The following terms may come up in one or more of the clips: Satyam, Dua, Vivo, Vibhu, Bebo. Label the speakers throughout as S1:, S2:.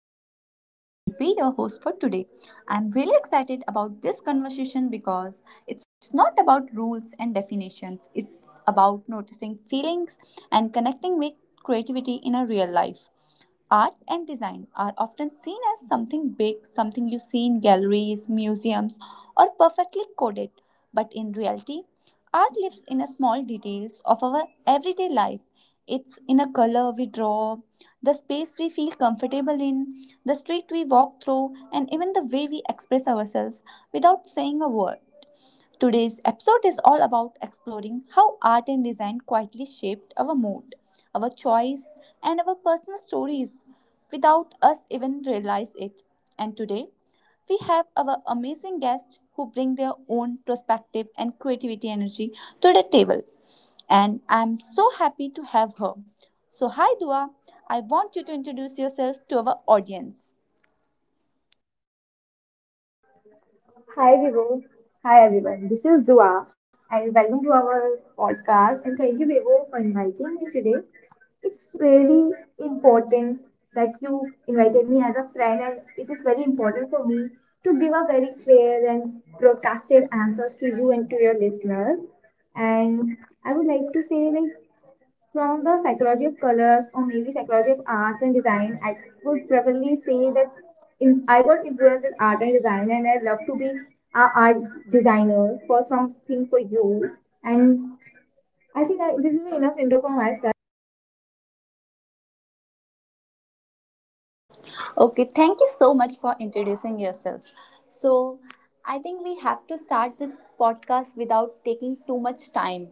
S1: I'm Bebo and I will be your host for today. I'm really excited about this conversation because it's not about rules and definitions, it's about noticing feelings and connecting with creativity in a real life. Art and design are often seen as something big, something you see in galleries, museums, or perfectly coded. But in reality, art lives in the small details of our everyday life. It's in a color we draw, the space we feel comfortable in, the street we walk through, and even the way we express ourselves without saying a word. Today's episode is all about exploring how art and design quietly shaped our mood, our choice, and our personal stories without us even realize it. And today, we have our amazing guests who bring their own perspective and creativity energy to the table. And I'm so happy to have her. So, hi Dua, I want you to introduce yourself to our audience.
S2: Hi Vivo. Hi everyone. This is Dua and welcome to our podcast, and thank you Vivo for inviting me today. It's really important that you invited me as a friend, and it is very important for me to give a very clear and broadcasted answers to you and to your listeners. And I would like to say, like, from the psychology of colors or maybe psychology of arts and design, I would probably say that I got influenced in art and design, and I love to be an art designer for something for you. And I think this is enough intro for myself.
S1: Okay, thank you so much for introducing yourself. So, I think we have to start this podcast without taking too much time.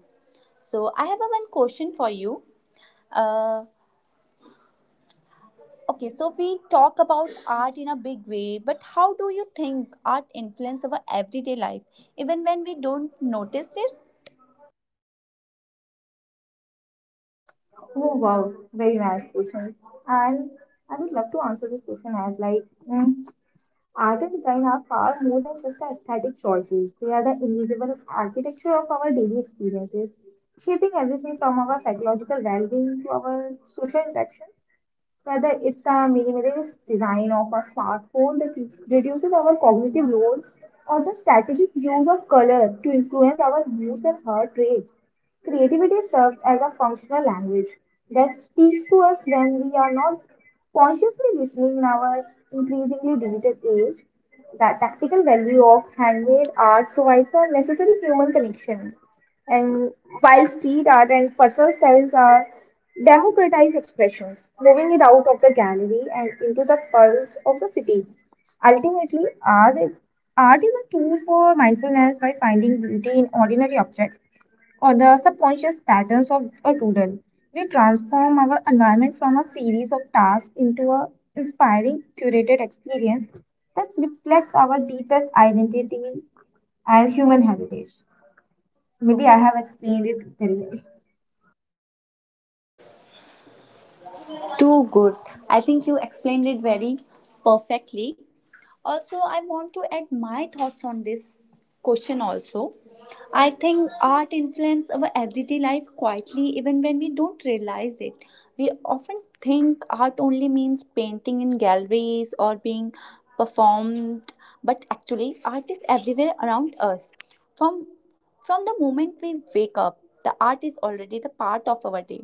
S1: So, I have a one question for you. Uh, okay, so we talk about art in a big way, but how do you think art influence our everyday life, even when we don't notice it?
S2: Oh wow, very nice question. And I would love to answer this question as like, mm, art and design are far more than just the aesthetic choices. They are the invisible architecture of our daily experiences, shaping everything from our psychological well-being to our social interactions. Whether it's the minimalist design of a smartphone that reduces our cognitive load, or the strategic use of color to influence our moods and heart rates. Creativity serves as a functional language that speaks to us when we are not consciously listening in our increasingly digital age. The tactical value of handmade art provides a necessary human connection. And while street art and personal styles are democratized expressions, moving it out of the gallery and into the pulse of the city. Ultimately, art is a tool for mindfulness. By finding beauty in ordinary objects or the subconscious patterns of a doodle, we transform our environment from a series of tasks into an inspiring, curated experience that reflects our deepest identity and human heritage. Maybe I have explained it very well.
S1: Too good. I think you explained it very perfectly. Also, I want to add my thoughts on this question also. I think art influences our everyday life quietly, even when we don't realize it. We often think art only means painting in galleries or being performed, but actually, art is everywhere around us. From from the moment we wake up, the art is already the part of our day.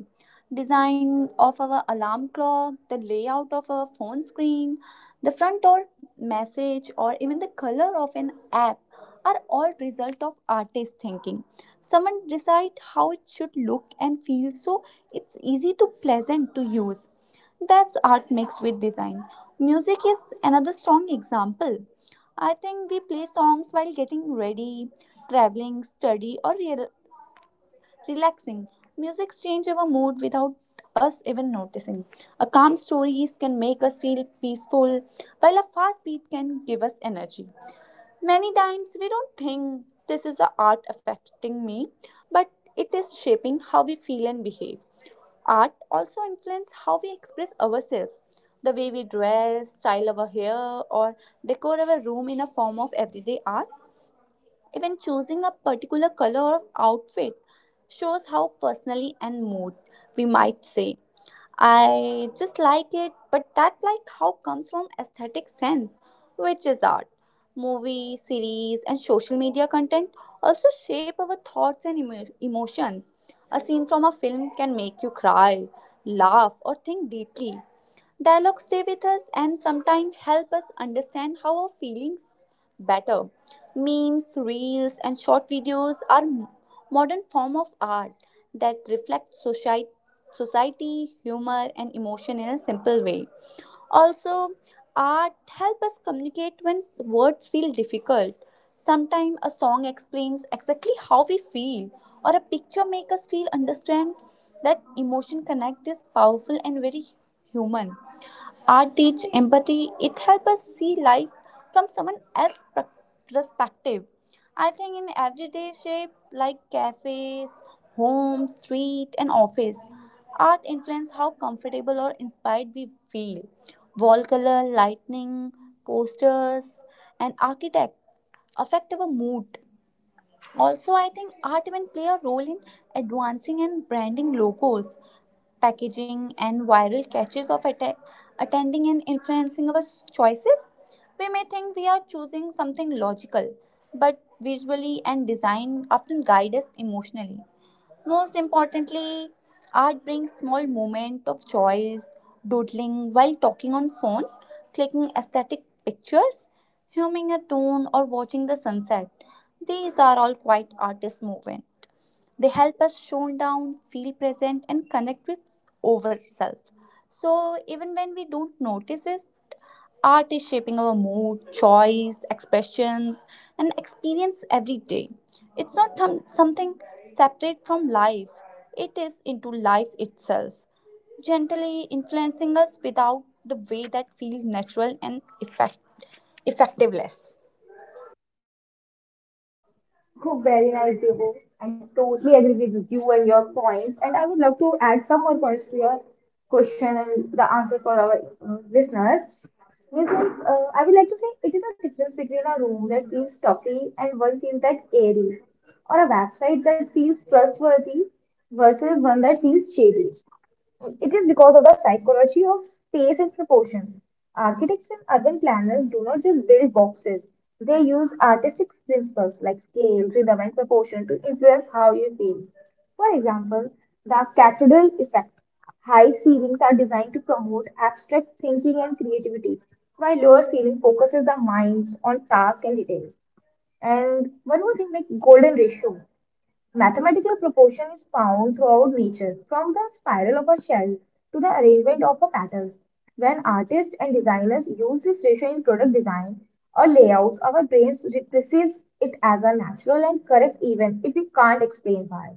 S1: Design of our alarm clock, the layout of our phone screen, the front door message, or even the color of an app are all result of artist thinking. Someone decide how it should look and feel so it's easy to pleasant to use. That's art mixed with design. Music is another strong example. I think we play songs while getting ready, traveling, study or relaxing. Music change our mood without us even noticing. A calm stories can make us feel peaceful, while a fast beat can give us energy. Many times we don't think this is the art affecting me, but it is shaping how we feel and behave. Art also influences how we express ourselves. The way we dress, style our hair, or decor our room in a form of everyday art. Even choosing a particular color of outfit shows how personally and mood we might say. I just like it, but that like how comes from aesthetic sense, which is art. Movie, series, and social media content also shape our thoughts and emotions. A scene from a film can make you cry, laugh, or think deeply. Dialogues stay with us and sometimes help us understand how our feelings better. Memes, reels, and short videos are modern form of art that reflect society, humor, and emotion in a simple way. Also, art help us communicate when words feel difficult. Sometimes a song explains exactly how we feel, or a picture makes us feel understand that emotion connect is powerful and very human. Art teach empathy. It helps us see life from someone else's perspective. I think in everyday shape like cafes, homes, street, and office, art influence how comfortable or inspired we feel. Wall color, lightning, posters, and architect affect our mood. Also, I think art even play a role in advancing and branding logos, packaging, and viral catches of attending and influencing our choices. We may think we are choosing something logical, but visually and design often guide us emotionally. Most importantly, art brings small moments of choice, doodling while talking on phone, clicking aesthetic pictures, humming a tune or watching the sunset. These are all quite artist movement. They help us tone down, feel present and connect with over self. So even when we don't notice it, art is shaping our mood, choice, expressions, and experience every day. It's not something separate from life, it is into life itself, gently influencing us without the way that feels natural and effectiveness.
S2: Oh, very nice, Devo. I totally agree with you and your points. And I would love to add some more points to your question and the answer for our listeners. It's like, I would like to say it is a difference between a room that feels stuffy and one feels that airy, or a website that feels trustworthy versus one that feels shady. It is because of the psychology of space and proportion. Architects and urban planners do not just build boxes, they use artistic principles like scale, rhythm, and proportion to influence how you feel. For example, the cathedral effect. High ceilings are designed to promote abstract thinking and creativity, while lower ceiling focuses the minds on tasks and details. And one more thing, like golden ratio. Mathematical proportion is found throughout nature, from the spiral of a shell to the arrangement of a petal. When artists and designers use this ratio in product design or layouts, our brains perceives it as a natural and correct even if we can't explain why.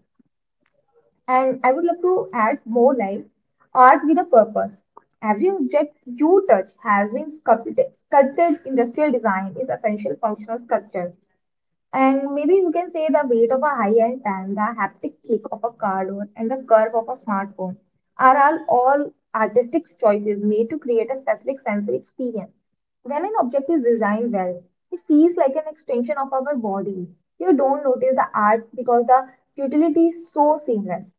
S2: And I would love to add more, like art with a purpose. Every object you touch has been sculpted. Sculpted industrial design is essential functional sculpture. And maybe you can say the weight of a high-end pen, the haptic click of a cardboard, and the curve of a smartphone are all artistic choices made to create a specific sensory experience. When an object is designed well, it feels like an extension of our body. You don't notice the art because the utility is so seamless,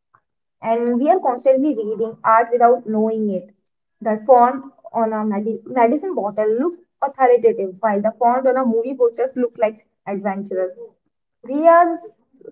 S2: and we are constantly reading art without knowing it. The font on a medicine bottle looks authoritative, while the font on a movie poster looks like adventurous. We are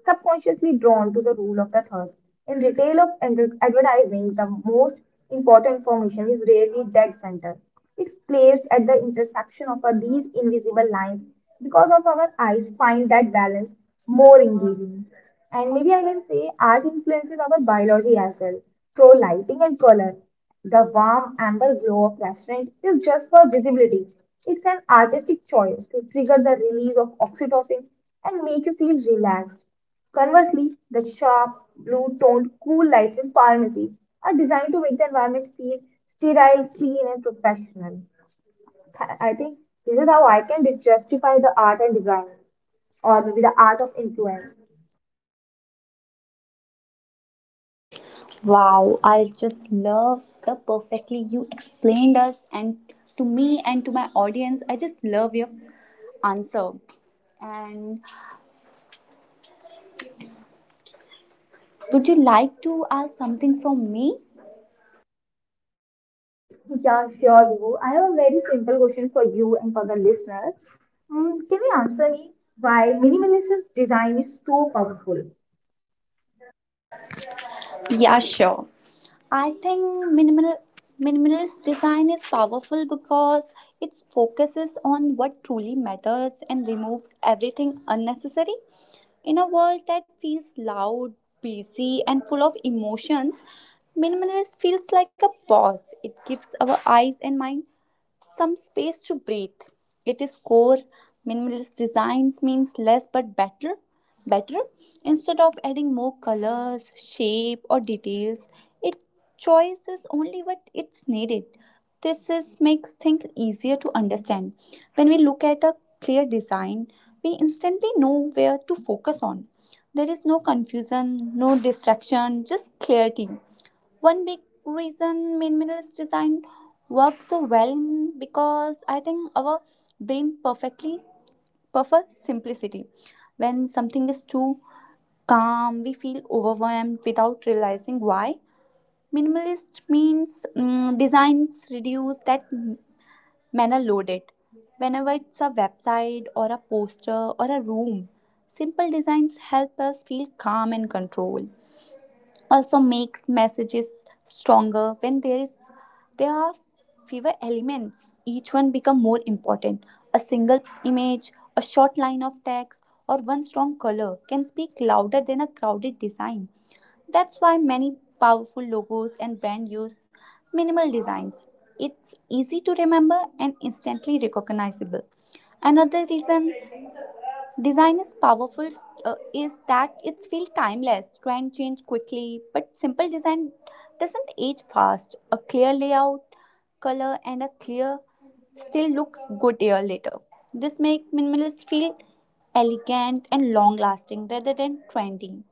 S2: subconsciously drawn to the rule of the thirds. In retail of advertising, the most important information is rarely dead center. It's placed at the intersection of these invisible lines because of our eyes find that balance more engaging. And maybe I can say art influences our biology as well through lighting and color. The warm amber glow of restaurant is just for visibility. It's an artistic choice to trigger the release of oxytocin and make you feel relaxed. Conversely, the sharp, blue-toned, cool lights in pharmacy are designed to make the environment feel sterile, clean, and professional. I think this is how I can justify the art and design, or maybe the art of influence.
S1: Wow, I just love the perfectly you explained us and to me and to my audience. I just love your answer. And would you like to ask something from me?
S2: Yeah, sure, Vibhu. I have a very simple question for you and for the listener. Can you answer me why minimalist design is so powerful?
S1: Yeah, sure. I think minimalist design is powerful because it focuses on what truly matters and removes everything unnecessary. In a world that feels loud, busy, and full of emotions, minimalist feels like a pause. It gives our eyes and mind some space to breathe. It is core. Minimalist designs means less but better. Better instead of adding more colors, shape, or details, it chooses only what it's needed. This is makes things easier to understand. When we look at a clear design, we instantly know where to focus on. There is no confusion, no distraction, just clarity. One big reason minimalist design works so well in because I think our brain perfectly prefer simplicity. When something is too calm, we feel overwhelmed without realizing why. Minimalist means designs reduce that manner loaded. Whenever it's a website or a poster or a room, simple designs help us feel calm and control also makes messages stronger when there are fewer elements each one become more important, a single image, a short line of text or one strong color can speak louder than a crowded design. That's why many powerful logos and brand use minimal designs. It's easy to remember and instantly recognizable. Another reason design is powerful is that it feels timeless. Trend change quickly, but simple design doesn't age fast. A clear layout, color, and a clear still looks good year later. This makes minimalists feel elegant and long lasting rather than trendy.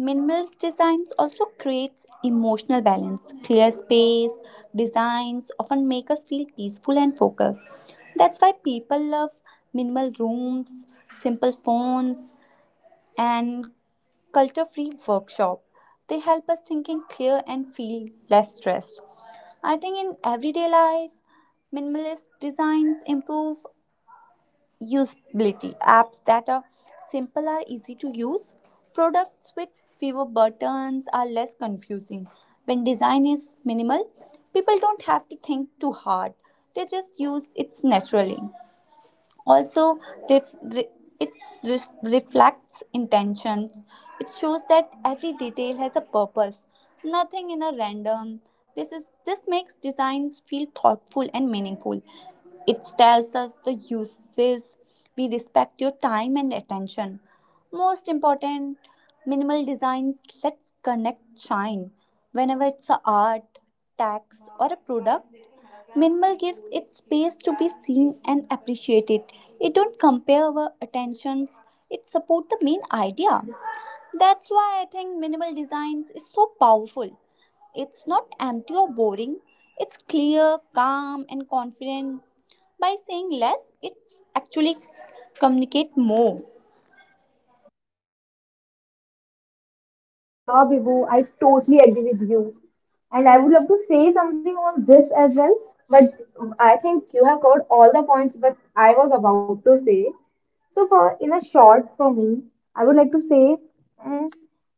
S1: Minimalist designs also creates emotional balance. Clear space designs often make us feel peaceful and focused. That's why people love minimal rooms, simple phones, and culture-free workshop. They help us thinking clear and feel less stressed. I think in everyday life, minimalist designs improve usability. Apps that are simple are easy to use. Products with fewer buttons are less confusing. When design is minimal, people don't have to think too hard, they just use it naturally. Also, ref- re- it reflects intentions. It shows that every detail has a purpose. Nothing in a random. This makes designs feel thoughtful and meaningful. It tells us the uses. We respect your time and attention. Most important, minimal designs. Let's connect shine. Whenever it's a art, text, or a product, minimal gives it space to be seen and appreciated. It don't compare our attentions. It support the main idea. That's why I think minimal designs is so powerful. It's not empty or boring. It's clear, calm, and confident. By saying less, it's actually communicate more.
S2: Yeah, Vibhu, I totally agree with you. And I would love to say something on this as well, but I think you have covered all the points that I was about to say. So for in a short for me, I would like to say mm,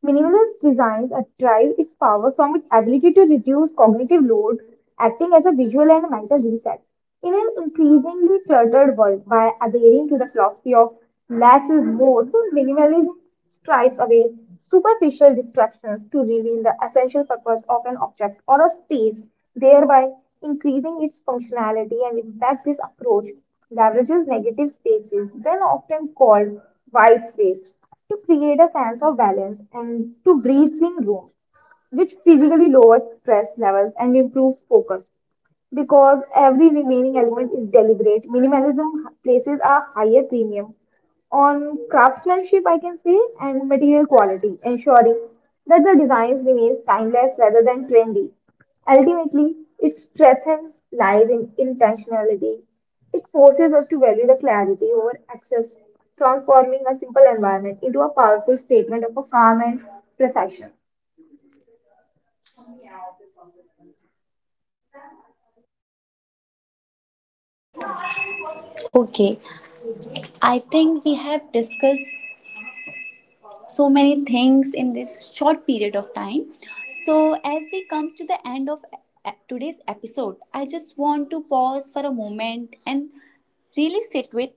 S2: minimalist designs derive its power from its ability to reduce cognitive load, acting as a visual and mental reset. In an increasingly cluttered world, by adhering to the philosophy of less is more, the minimalism strips away superficial distractions to reveal the essential purpose of an object or a space, thereby increasing its functionality and impact. This approach leverages negative spaces, then often called white space, to create a sense of balance and to breathing rooms which physically lowers stress levels and improves focus because every remaining element is deliberate. Minimalism places a higher premium on craftsmanship, I can say, and material quality, ensuring that the designs remains timeless rather than trendy. Ultimately, it strengthens lies in intentionality. It forces us to value the clarity over access, transforming a simple environment into a powerful statement of a calm and precision.
S1: Okay, I think we have discussed so many things in this short period of time. So, as we come to the end of today's episode, I just want to pause for a moment and really sit with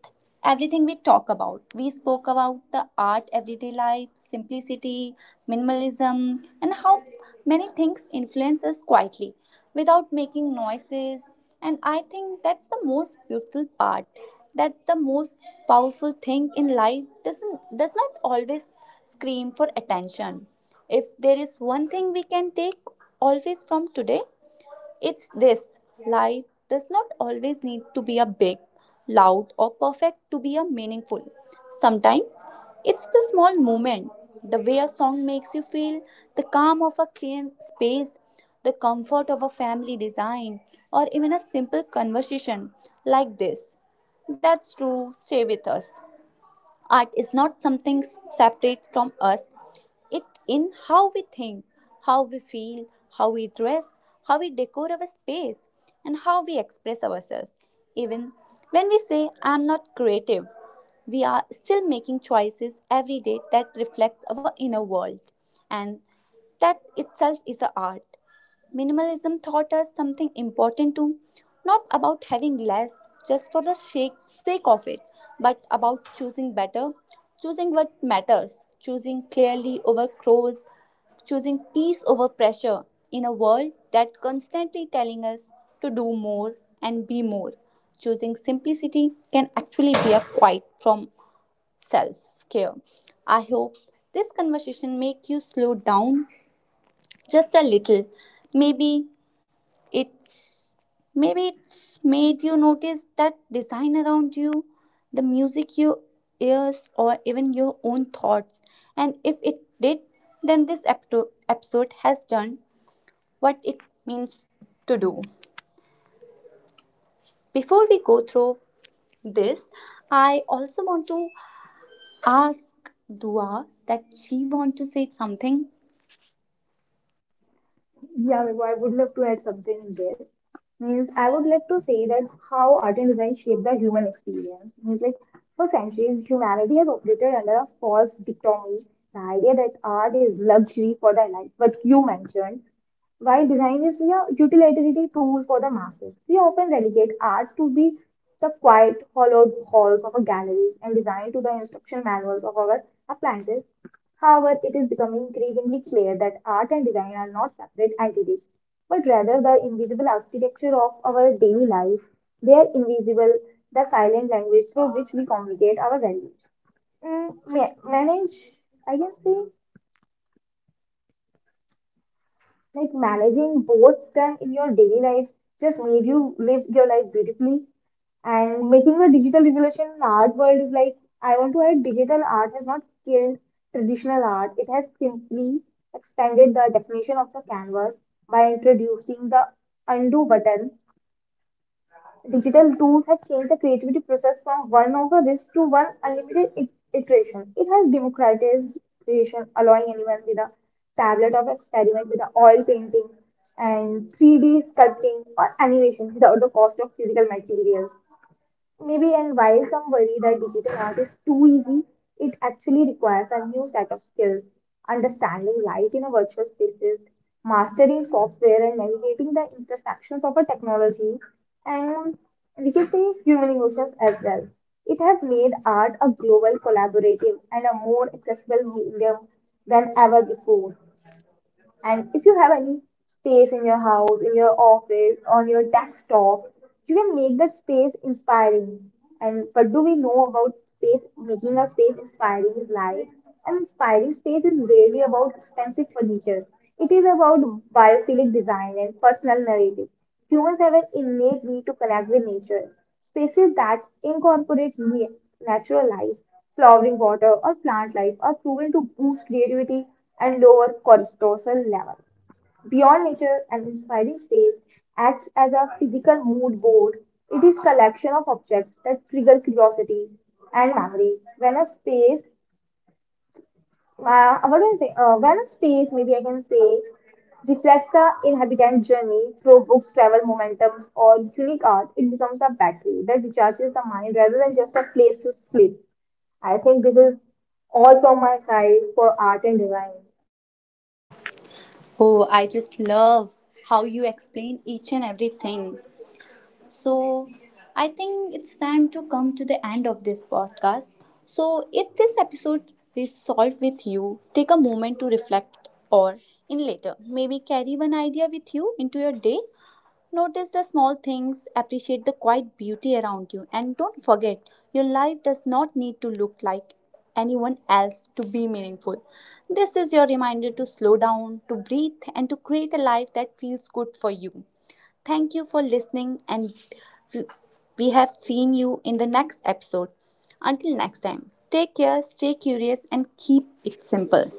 S1: everything we talk about. We spoke about the art, everyday life, simplicity, minimalism, and how many things influence us quietly without making noises. And I think that's the most beautiful part. That the most powerful thing in life does not always scream for attention. If there is one thing we can take always from today, it's this: life does not always need to be a big, loud, or perfect to be a meaningful. Sometimes it's the small moment, the way a song makes you feel, the calm of a clean space, the comfort of a family design, or even a simple conversation like this. That's true, stay with us. Art is not something separate from us. It in how we think, how we feel, how we dress, how we decor our space, and how we express ourselves. Even when we say I'm not creative, we are still making choices every day that reflects our inner world and that itself is a art. Minimalism taught us something important too, not about having less just for the sake of it, but about choosing better, choosing what matters, choosing clearly over chores, choosing peace over pressure in a world that constantly telling us to do more and be more. Choosing simplicity can actually be a quiet from self-care. I hope this conversation make you slow down just a little. Maybe it's maybe it's made you notice that design around you, the music you ears, or even your own thoughts. And if it did, then this episode has done what it means to do. Before we go through this, I also want to ask Dua that she want to say something.
S2: Yeah, Vibha, I would love to add something in this. Means I would like to say that how art and design shape the human experience. Means like, for centuries, humanity has operated under a false dichotomy, the idea that art is luxury for the elite, what you mentioned, while design is a utilitarian tool for the masses. We often relegate art to be the quiet, hollowed halls of our galleries and designed to the instruction manuals of our appliances. However, it is becoming increasingly clear that art and design are not separate entities, but rather the invisible architecture of our daily life. They are invisible, the silent language through which we communicate our values. Manage, I can say. Like managing both them in your daily life just made you live your life beautifully. And making a digital revolution in the art world is like, I want to add digital art has not killed traditional art. It has simply expanded the definition of the canvas by introducing the undo button. Digital tools have changed the creativity process from one over risk to one unlimited iteration. It has democratized creation, allowing anyone with a tablet of experiment with the oil painting and 3D sculpting or animation without the cost of physical materials. Maybe, and while some worry that digital art is too easy, it actually requires a new set of skills, understanding light in a virtual spaces, mastering software, and navigating the intersections of a technology, and we can say human emotions as well. It has made art a global, collaborative, and a more accessible medium than ever before. And if you have any space in your house, in your office, on your desktop, you can make that space inspiring. And what do we know about space? Making a space inspiring is life. An inspiring space is rarely about expensive furniture. It is about biophilic design and personal narrative. Humans have an innate need to connect with nature. Spaces that incorporate natural life, flowering water or plant life are proven to boost creativity and lower cortisol level. Beyond nature, an inspiring space acts as a physical mood board. It is collection of objects that trigger curiosity and memory. When a space, what do I say? When a space, maybe I can say, reflects the inhabitant journey through books, travel, momentums, or unique art, it becomes a battery that recharges the mind rather than just a place to sleep. I think this is all from my side for art and design.
S1: Oh, I just love how you explain each and everything. So, I think it's time to come to the end of this podcast. So, if this episode resolved with you, take a moment to reflect or in later, maybe carry one idea with you into your day. Notice the small things, appreciate the quiet beauty around you, and don't forget your life does not need to look like anyone else to be meaningful. This is your reminder to slow down, to breathe, and to create a life that feels good for you. Thank you for listening, and w- we have seen you in the next episode. Until next time, take care, stay curious, and keep it simple.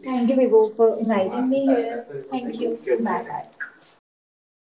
S1: Thank
S2: Thank
S1: you,
S2: you, Vivo,
S1: Vibhu, for
S2: for inviting
S1: inviting me
S2: me here.
S1: here.
S2: Thank
S1: Thank
S2: you.
S1: you. Bye
S2: Bye bye.
S1: bye.